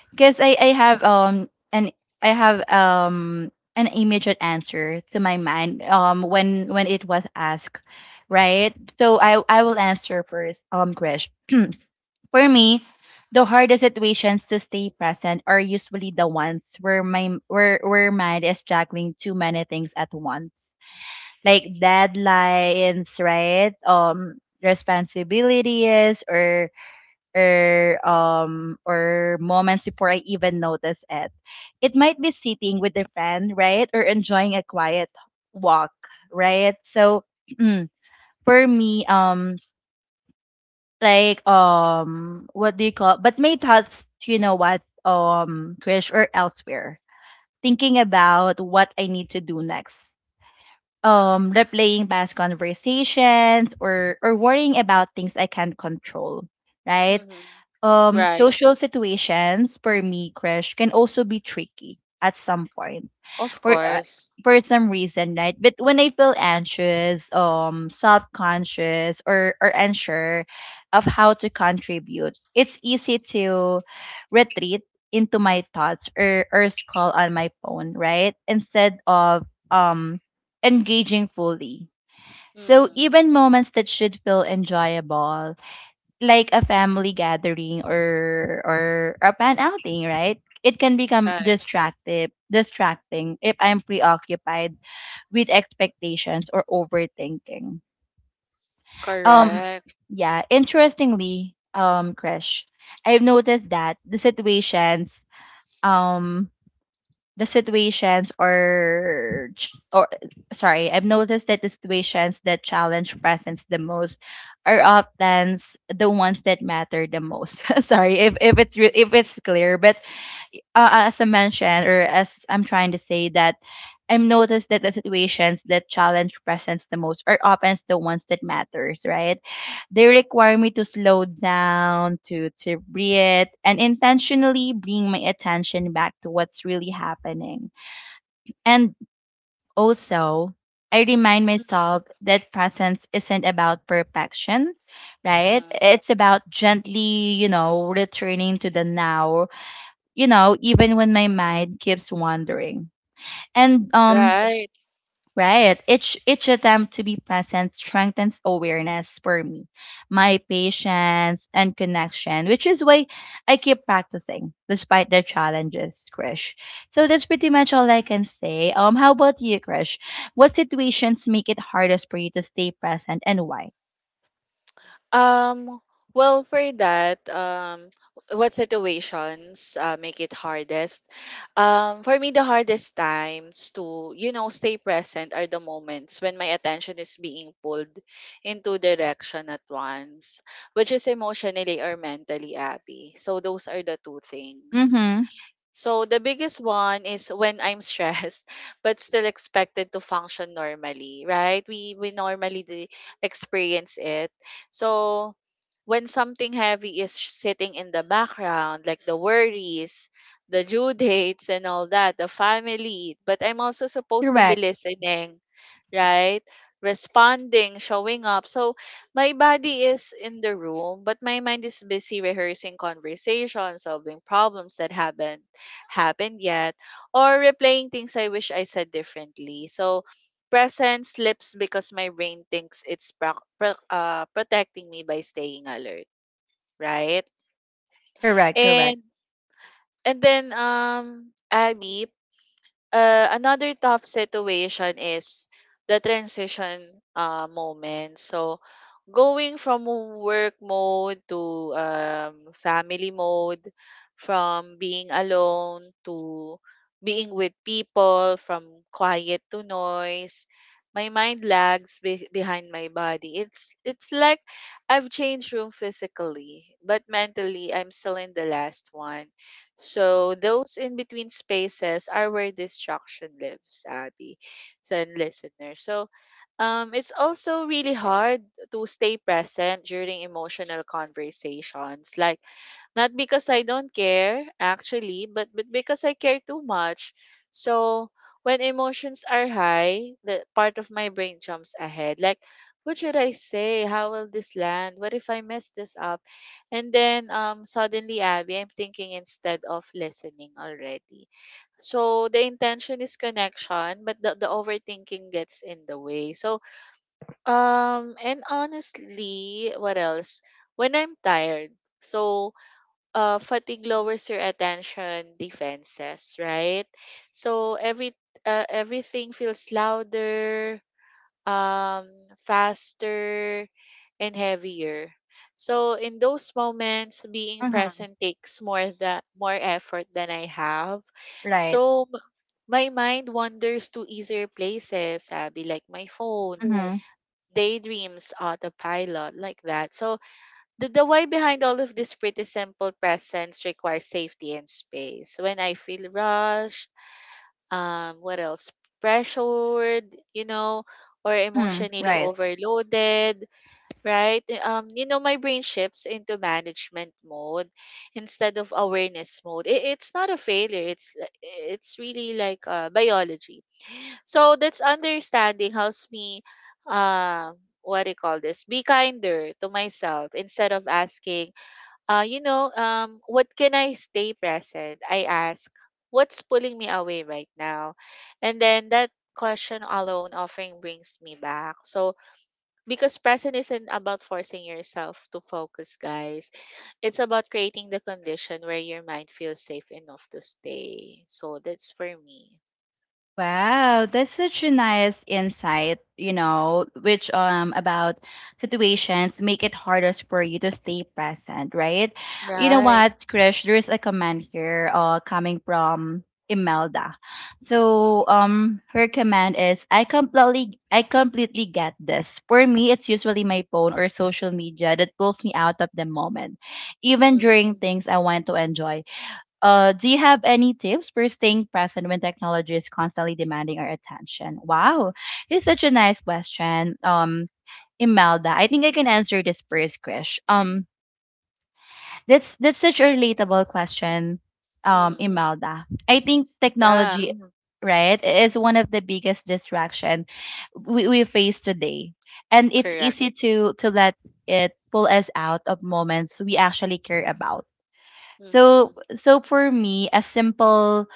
A: because I have an I have an immediate answer to my mind when it was asked, right? So I will answer first, Krish. For me, the hardest situations to stay present are usually the ones where my where mind is juggling too many things at once, like deadlines, right? Responsibilities or moments before I even notice it. It might be sitting with a friend, right? Or enjoying a quiet walk, right? So mm, for me, like what do you call but my thoughts, you know what, Krish or elsewhere. Thinking about what I need to do next, replaying past conversations or worrying about things I can't control, right?
B: Mhm. Right.
A: Social situations for me, crush, can also be tricky at some point
B: Of
A: for uh,
B: course.
A: for some reason, right? But when I feel anxious, subconscious, or unsure of how to contribute, it's easy to retreat into my thoughts or scroll on my phone, right, instead of um engaging fully. So
B: Mhm.
A: even moments that should feel enjoyable, like a family gathering or a pan outing, right? It can become
B: Right.
A: distracting if I'm preoccupied with expectations or overthinking. Um,
B: Correct.
A: yeah, interestingly, Krish, I've noticed that um the situations or ch- or sorry I've noticed that the situations that challenge presence the most are often the ones that matter the most. Sorry if if it's clear, but as I mentioned, or as I'm trying to say, that I've noticed that the situations that challenge presence the most are often the ones that matters, right? They require me to slow down, to breathe, and intentionally bring my attention back to what's really happening. And also, I remind myself that presence isn't about perfection, right?
B: Mhm.
A: It's about gently, you know, returning to the now, you know, even when my mind keeps wandering. And
B: Right.
A: Right. Each attempt to be present strengthens awareness for me, my patience and connection, which is why I keep practicing despite the challenges, Krish. So that's pretty much all I can say. How about you, Krish? What situations make it hardest for you to stay present and why?
B: Um, well, for that, what situations make it hardest? For me, the hardest times to, you know, stay present are the moments when my attention is being pulled in two direction at once, which is emotionally or mentally, Abby. So those are the two things.
A: Mm-hmm.
B: So the biggest one is when I'm stressed but still expected to function normally, right? We normally experience it. So when something heavy is sitting in the background, like the worries, the due dates and all that, the family, but I'm also supposed to be
A: Correct.
B: listening, right? Responding, showing up. So my body is in the room, but my mind is busy rehearsing conversations, solving problems that happened yet, or replaying things I wish I said differently. So present slips because my brain thinks it's protecting me by staying alert, right?
A: Correct. Correct.
B: And and then Abby, another tough situation is the transition moment. So going from work mode to family mode, from being alone to being with people, from quiet to noise. My mind lags behind my body. It's like I've changed room physically, but mentally I'm still in the last one. So those in between spaces are where distraction lives, Abby, and listeners. It's also really hard to stay present during emotional conversations. Like, not because I don't care, actually, but, because I care too much. So, when emotions are high, the part of my brain jumps ahead. Like, what should I say? How will this land? What if I mess this up? Suddenly, Abby, I'm thinking instead of listening already. So, the intention is connection, but the overthinking gets in the way. And honestly, what else? When I'm tired, so fatigue lowers your attention defenses, right? So every everything feels louder, um, faster, and heavier. So in those moments, being
A: Mm-hmm.
B: present takes more effort than I have.
A: Right. Right.
B: So m- my mind wanders to easier places, sabi, like my phone,
A: Mm-hmm.
B: daydreams, autopilot like that. So the why behind all of this pretty simple presence requires safety and space. When I feel rushed, what else? pressured, or
A: Mm-hmm.
B: emotionally
A: Right. Yeah.
B: overloaded, right? My brain shifts into management mode instead of awareness mode. It's not a failure. It's really like biology, so that's understanding helps me, what do you call this? be kinder to myself. Instead of asking, what can I stay present? I ask, what's pulling me away right now? And then that question alone often brings me back. So because present isn't about forcing yourself to focus, guys. It's about creating the condition where your mind feels safe enough to stay. So that's for me.
A: Wow, that's such a nice insight, you know, which about situations make it hardest for you to stay present, right? You know
B: Right.
A: what, Krish, there's a comment here coming from Imelda. So her comment is, I completely get this. For me, it's usually my phone or social media that pulls me out of the moment, even during
B: Mm-hmm.
A: things I want to enjoy. Do you have any tips for staying present when technology is constantly demanding our attention? Wow, it's such a nice question. Imelda, I think I can answer this first, Krish. That's such a relatable question,
B: Mhm.
A: Imelda. I think
B: Yeah,
A: technology, mhm, right, is one of the biggest distraction we face today, and it's
B: correct.
A: easy to let it pull us out of moments we actually care about. so
B: Mhm.
A: so for me, a simple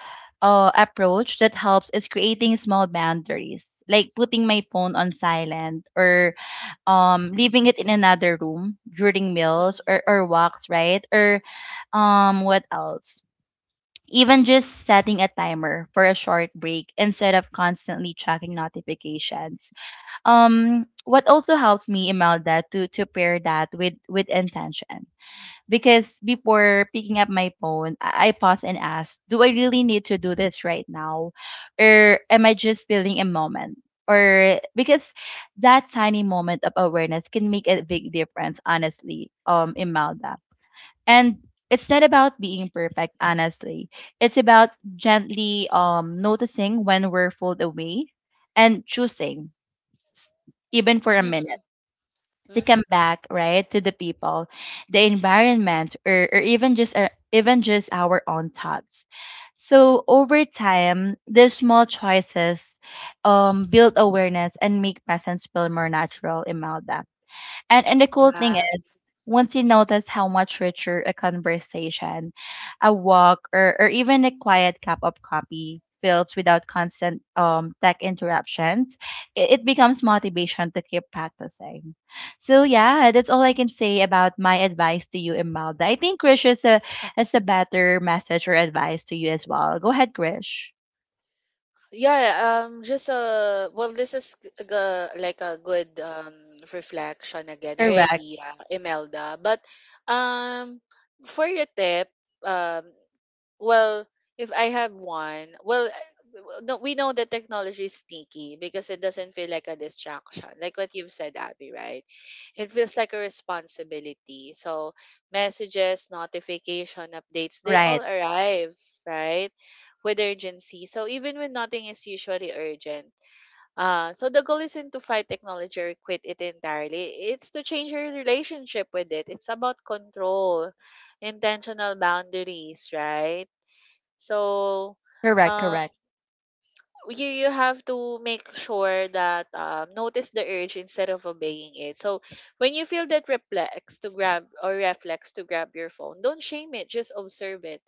A: approach that helps is creating small boundaries, like putting my phone on silent or leaving it in another room during meals
B: Mhm.
A: or walks, right? Or what else? Even just setting a timer for a short break instead of constantly checking notifications. What also helps me, Imelda, to pair that with intention, because before picking up my phone, I pause and ask, do I really need to do this right now? Or am I just feeling a moment? Or because that tiny moment of awareness can make a big difference, honestly, Imelda. And it's not about being perfect, honestly. It's about gently noticing when we're pulled away and choosing, s- even for a
B: Mhm.
A: minute, to
B: Mhm.
A: come back, right, to the people, the environment, or even just our own thoughts. So over time these small choices build awareness and make presence feel more natural, Imelda. And the cool thing
B: Yeah.
A: is, once you notice how much richer a conversation, a walk, or even a quiet cup of coffee feels without constant tech interruptions, it becomes motivation to keep practicing. So yeah, that's all I can say about my advice to you, Imelda. I think Krish is a better message or advice to you as well. Go ahead, Krish.
B: Yeah, just well this is like a good reflection again or
A: Correct.
B: idea, Imelda. But um for your tip, um Well, if I have one, well, I- w- no, we know that technology is sneaky because it doesn't feel like a distraction, like what you've said, Abby, right? It feels like a responsibility. So messages, notification, updates, they all
A: Right.
B: arrive, right? With urgency. So even when nothing is usually urgent. So the goal isn't to fight technology or quit it entirely. It's to change your relationship with it. It's about control, intentional boundaries, right? So,
A: Correct.
B: um,
A: Correct.
B: you have to make sure that notice the urge instead of obeying it. So, when you feel that reflex to grab or reflex to grab your phone, don't shame it. Just observe it.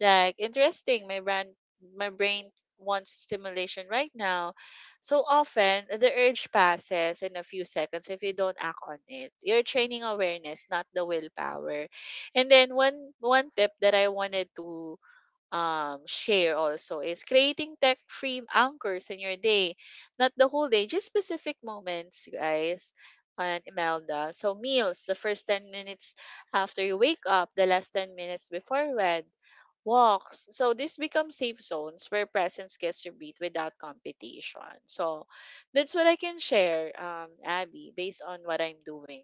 B: Like interesting, my brand, my brain wants stimulation right now. So often the urge passes in a few seconds if you don't act on it. You're training awareness, not the willpower. And then one tip that I wanted to share also is creating tech free anchors in your day. Not the whole day, just specific moments, guys. And Imelda. So, meals, the first 10 minutes after you wake up, the last 10 minutes before bed, walks. So, this becomes safe zones where presence gets to beat without competition. So, that's what I can share, Abby, based on what I'm doing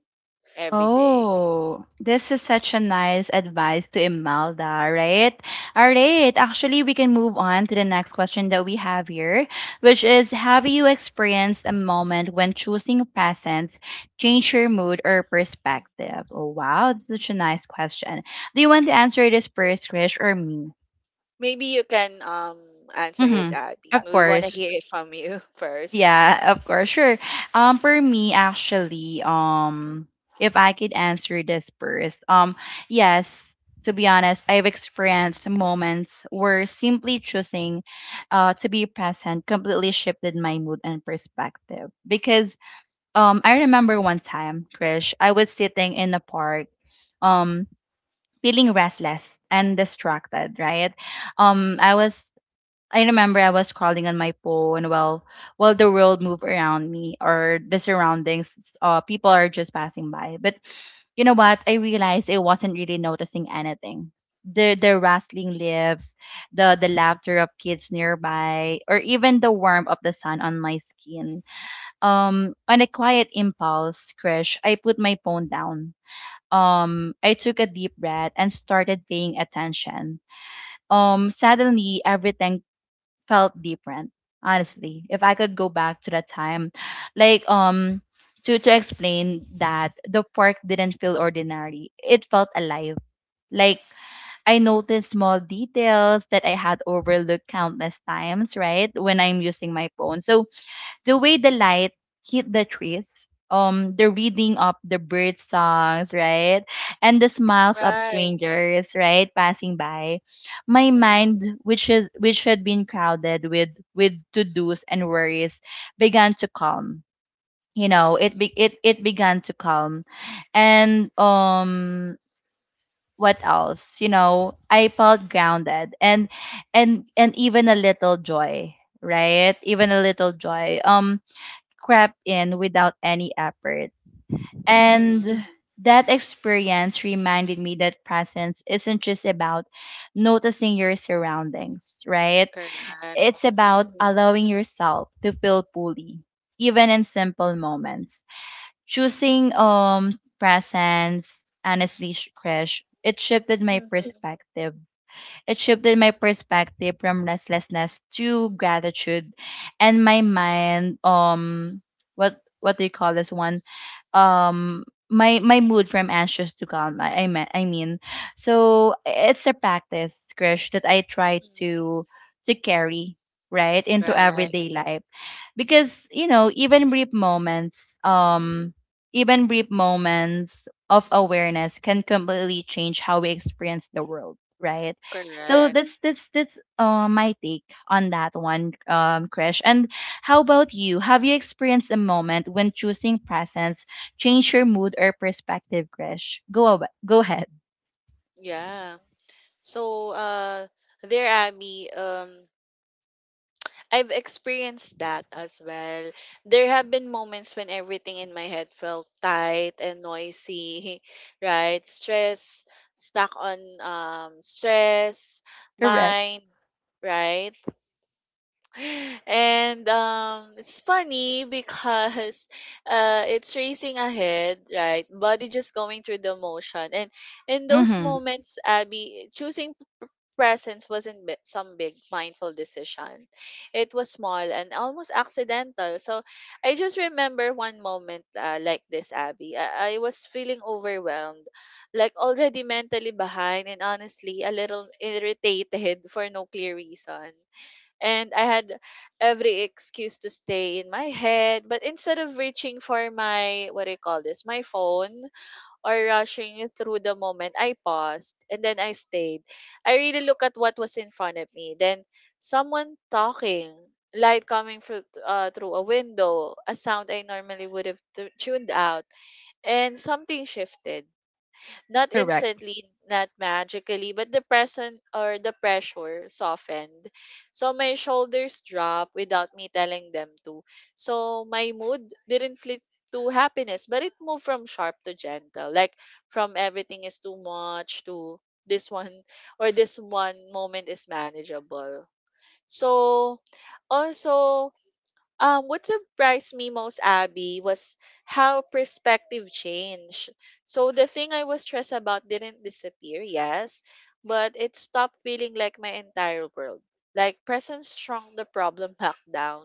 B: every day.
A: Oh, this is such a nice advice to Imelda, right? All right. Actually, we can move on to the next question that we have here, which is, have you experienced a moment when choosing presents changed your mood or perspective? Oh, wow. That's such a nice question. Do you want to answer this first, Krish, or me?
B: Maybe you can answer it,
A: Mm-hmm.
B: Abby.
A: Of
B: We want to
A: course.
B: hear it from you first.
A: Yeah, of course, sure. For me, actually, if I could answer this first, yes, to be honest, I've experienced moments where simply choosing, to be present completely shifted my mood and perspective. Because, I remember one time, Krish, I was sitting in a park, um, feeling restless and distracted, right? Um, I was I remember I was scrolling on my phone while the world moved around me, or the surroundings. People are just passing by. But you know what? I realized I wasn't really noticing anything. The rustling leaves, the laughter of kids nearby, or even the warmth of the sun on my skin. On a quiet impulse, crash, I put my phone down. I took a deep breath and started paying attention. Suddenly everything felt different. Honestly, if I could go back to that time, like um to explain that the park didn't feel ordinary, it felt alive. Like, I noticed small details that I had overlooked countless times, right, when I'm using my phone. So the way the light hit the trees, the
B: Mhm.
A: reading of the bird songs, right? And the smiles of
B: Right.
A: strangers, right, passing by. My
B: Mm-hmm.
A: mind, which is which had been crowded with to-dos and worries, began to calm. You know,
B: Mm-hmm.
A: it began to calm. And what else? You know, I felt grounded and and even a little joy, right? Even a little joy. Crept in without any effort.
B: Mm-hmm.
A: And that experience reminded me that presence isn't just about noticing your surroundings, right?
B: Correct.
A: It's
B: Mm-hmm.
A: about, mhm, allowing yourself to feel fully, even in simple moments. Choosing presence, honestly, Krish,
B: Mm-hmm.
A: it shifted my perspective from restlessness to gratitude, and my mind, what do you call this one? Um my mood from anxious to calm. I mean. So it's a practice, Krish, that I try
B: Mm-hmm.
A: to carry, right, into
B: Right.
A: everyday life, because you know, even brief moments, even brief moments of awareness can completely change how we experience the world, right? So
B: Correct.
A: that's my take on that one, Krish. And how about you? Have you experienced a moment when choosing presence changed your mood or perspective, Krish? Go ahead.
B: Yeah. So, uh, there, Abby. I've experienced that as well. There have been moments when everything in my head felt tight and noisy, right? Stress, stuck on stress,
A: Correct.
B: mind, right? And it's funny because it's racing ahead, right? Body just going through the motion. And in those
A: Mm-hmm.
B: moments, Abby, choosing presence wasn't some big mindful decision. It was small and almost accidental. So I just remember one moment like this, Abby. I was feeling overwhelmed, like already mentally behind and honestly a little irritated for no clear reason. And I had every excuse to stay in my head, but instead of reaching for my, what do you call this, my phone, or rushing through the moment, I paused and then I stayed. I really look at what was in front of me. Then someone talking, light coming through, through a window, a sound I normally would have tuned out, and something shifted. Not
A: Correct.
B: instantly, not magically, but the present or the pressure softened. So my shoulders dropped without me telling them to. So my mood didn't flip to happiness, but it moved from sharp to gentle. Like from everything is too much to this one or this one moment is manageable. So also what surprised me most, Abby, was how perspective changed. So the thing I was stressed about didn't disappear, yes, but it stopped feeling like my entire world. Like presence shrunk the problem back down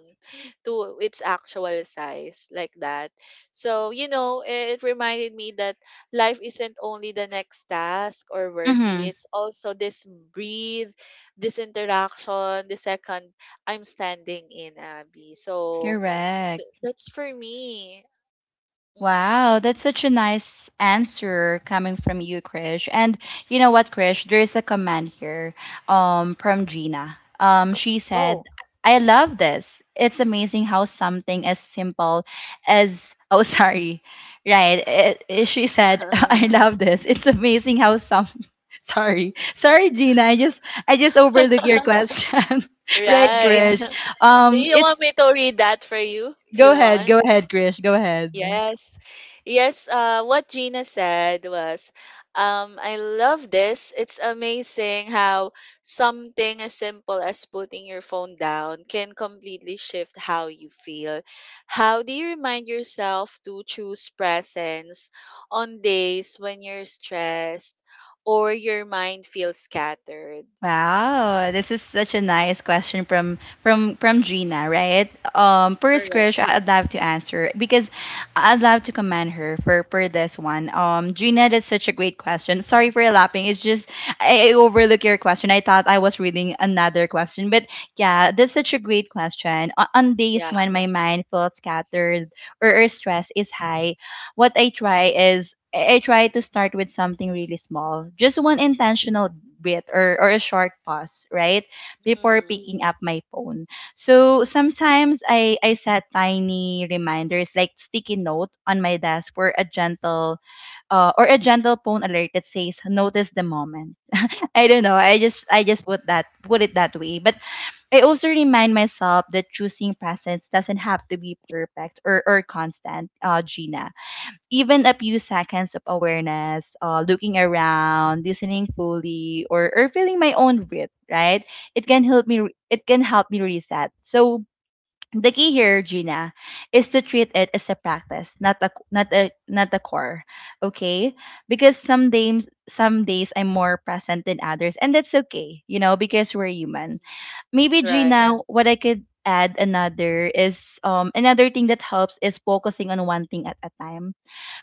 B: to its actual size, like that. So, you know, it reminded me that life isn't only the next task or worry,
A: Mm-hmm.
B: it's also this breathe, this interaction, the second I'm standing in, Abby. So
A: Correct.
B: that's for me. Mhm.
A: Wow, that's such a nice answer coming from you, Krish. And you know what, Krish? There is a comment here from Gina. She said,
B: Oh,
A: I love this. It's amazing how something as simple as, oh, sorry, right. She said, I love this. It's amazing how some, sorry, sorry, Gina. I just overlooked your question. Right,
B: right.
A: Krish?
B: Do
A: Um,
B: you
A: it's,
B: want me to read that for you if
A: Go
B: you
A: ahead,
B: want?
A: go ahead, Krish, go ahead.
B: Yes. Yes, what Gina said was, I love this. It's amazing how something as simple as putting your phone down can completely shift how you feel. How do you remind yourself to choose presence on days when you're stressed or your mind feels scattered?
A: Wow,
B: S-
A: this is such a nice question from Gina, right? First
B: Correct.
A: question I'd love to answer because I'd love to commend her for this one. Gina, that's such a great question. Sorry for laughing. It's just I overlooked your question. I thought I was reading another question, but yeah, that's such a great question. On days
B: Yeah.
A: when my mind feels scattered or stress is high, what I try is I try to start with something really small, just one
B: Mhm.
A: intentional bit or a short pause, right? Before
B: Mhm.
A: picking up my phone. So sometimes I set tiny reminders like sticky note on my desk for a gentle or a gentle phone alert that says notice the moment. I don't know. I just put it that way. But I also remind myself that choosing presence doesn't have to be perfect or constant, Gina. Even a few seconds of awareness, looking around, listening fully, or feeling my own breath, right? It can help me reset. So the key here, Gina, is to treat it as a practice, not a core, okay? Because some days I'm more present than others, and that's okay, you know, because we're human.
B: Mhm.
A: Maybe,
B: Right.
A: Gina, what I could add another is another thing that helps is focusing on one thing at a time,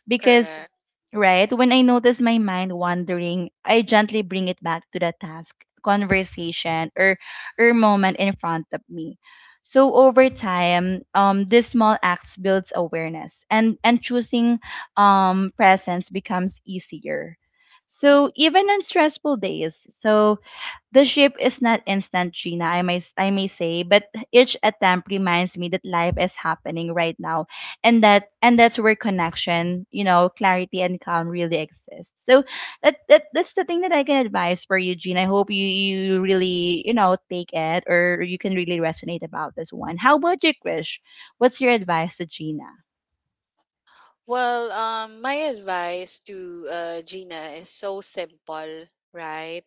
A: because,
B: Correct.
A: right, when I notice my mind wandering, I gently bring it back to the task, conversation, or moment in front of me. So over time, this small acts builds awareness, and choosing presence becomes easier. So even on stressful days, so the ship is not instant, Gina, I may say, but each attempt reminds me that life is happening right now, and that's where connection, you know, clarity and calm really exists. So that's the thing that I can advise for you, Gina. I hope you, really, you know, take it or you can really resonate about this one. How about you, Krish? What's your advice to Gina?
B: My advice to Gina is so simple, right?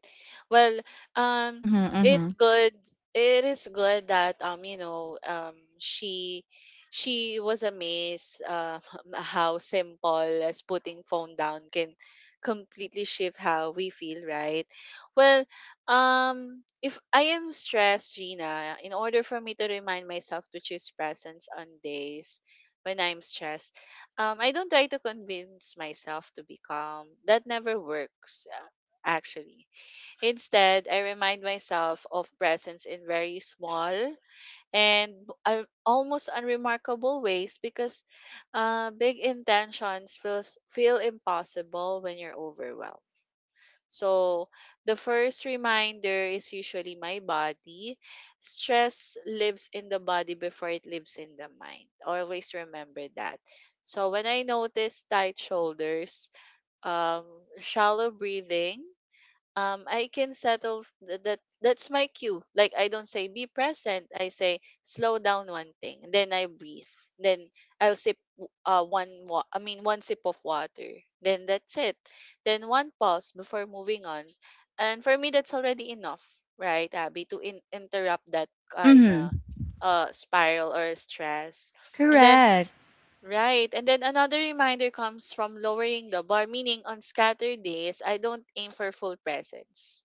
B: Well, um,
A: Mm-hmm,
B: it
A: mm-hmm.
B: good. It is good that she was amazed how simple as putting phone down can completely shift how we feel, right? Well, if I am stressed, Gina, in order for me to remind myself to choose presence on days when I'm stressed I don't try to convince myself to be calm. That never works, actually. Instead, I remind myself of presence in very small and almost unremarkable ways because big intentions feel impossible when you're overwhelmed. So, the first reminder is usually my body. Stress lives in the body before it lives in the mind. Always remember that. So, when I notice tight shoulders, um, shallow breathing, I can settle that that's my cue. Like I don't say be present, I say slow down one thing, then I breathe. Then I'll sip w- one wa- I mean one sip of water. Then that's it. Then one pause before moving on. And for me that's already enough, right? Abby, to interrupt that kind
A: Mm-hmm.
B: of spiral or stress. And then
A: Correct.
B: right. And then another reminder comes from lowering the bar, meaning on scattered days, I don't aim for full presence.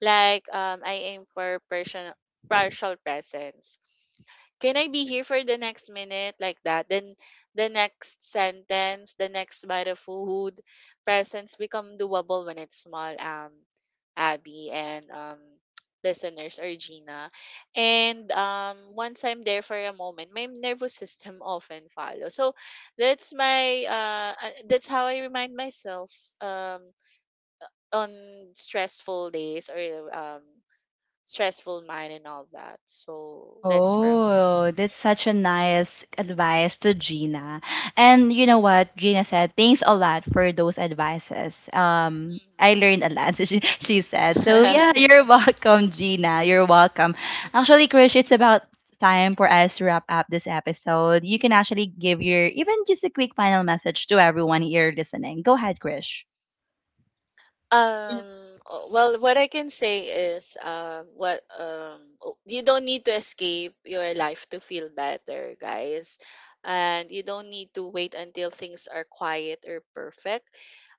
B: Like I aim for partial, partial presence. Can I be here for the next minute like that? Then the next sentence, the next bite of food, presence become doable when it's small, Abby and listeners or Gina. And once I'm there for a moment, my nervous system often follows. So that's my that's how I remind myself um on stressful days or stressful mind and all that. So that's for
A: Oh, that's such a nice advice to Gina. And you know what? Gina said, thanks a lot for those advices. I learned a lot, she said. So
B: mhm.
A: yeah, you're welcome, Gina. You're welcome. Actually, Krish, it's about time for us to wrap up this episode. You can actually give your even just a quick final message to everyone here listening. Go ahead, Krish.
B: What I can say is, what you don't need to escape your life to feel better, guys, and you don't need to wait until things are quiet or perfect.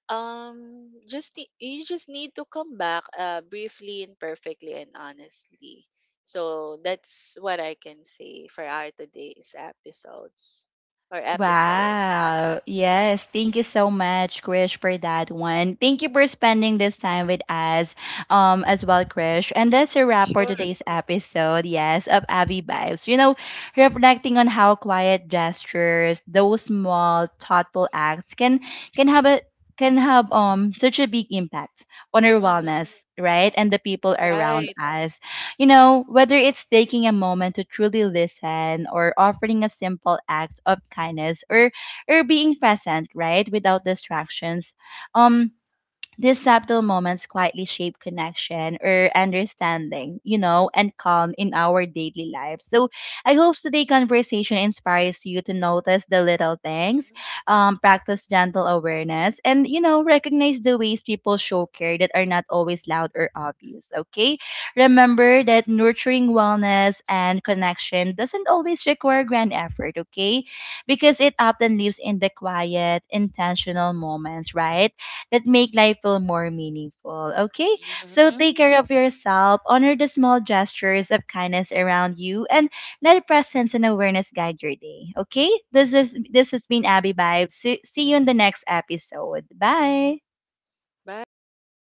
B: You just need to come back, briefly and perfectly and honestly. So that's what I can say for our today's episodes or episode.
A: Wow. Yes. Thank you so much, Krish, for that one. Thank you for spending this time with us, as well, Krish. And that's
B: Hmm.
A: a wrap for
B: Sure.
A: today's episode, yes, of Abby Vibes. You know, reflecting on how quiet gestures, those small, thoughtful acts, can have a can have such a big impact on our
B: Hmm.
A: wellness, right? And the people around
B: Right.
A: us. You know, whether it's taking a moment to truly listen, or offering a simple act of kindness, or being present, right, without distractions. Um these subtle moments quietly shape connection or understanding, you know, and calm in our daily lives. So I hope today's conversation inspires you to notice the little things,
B: Mm-hmm.
A: practice gentle awareness, and, you know, recognize the ways people show care that are not always loud or obvious, okay? Remember that nurturing wellness and connection doesn't always require grand effort, okay? Because it often lives in the quiet, intentional moments, right, that make life feel more meaningful. Okay? So take
B: Mhm.
A: care of yourself, honor the small gestures of kindness around you, and let presence and awareness guide your day. Okay? This has been Abby Vibes. See you in the next episode. Bye.
B: Bye.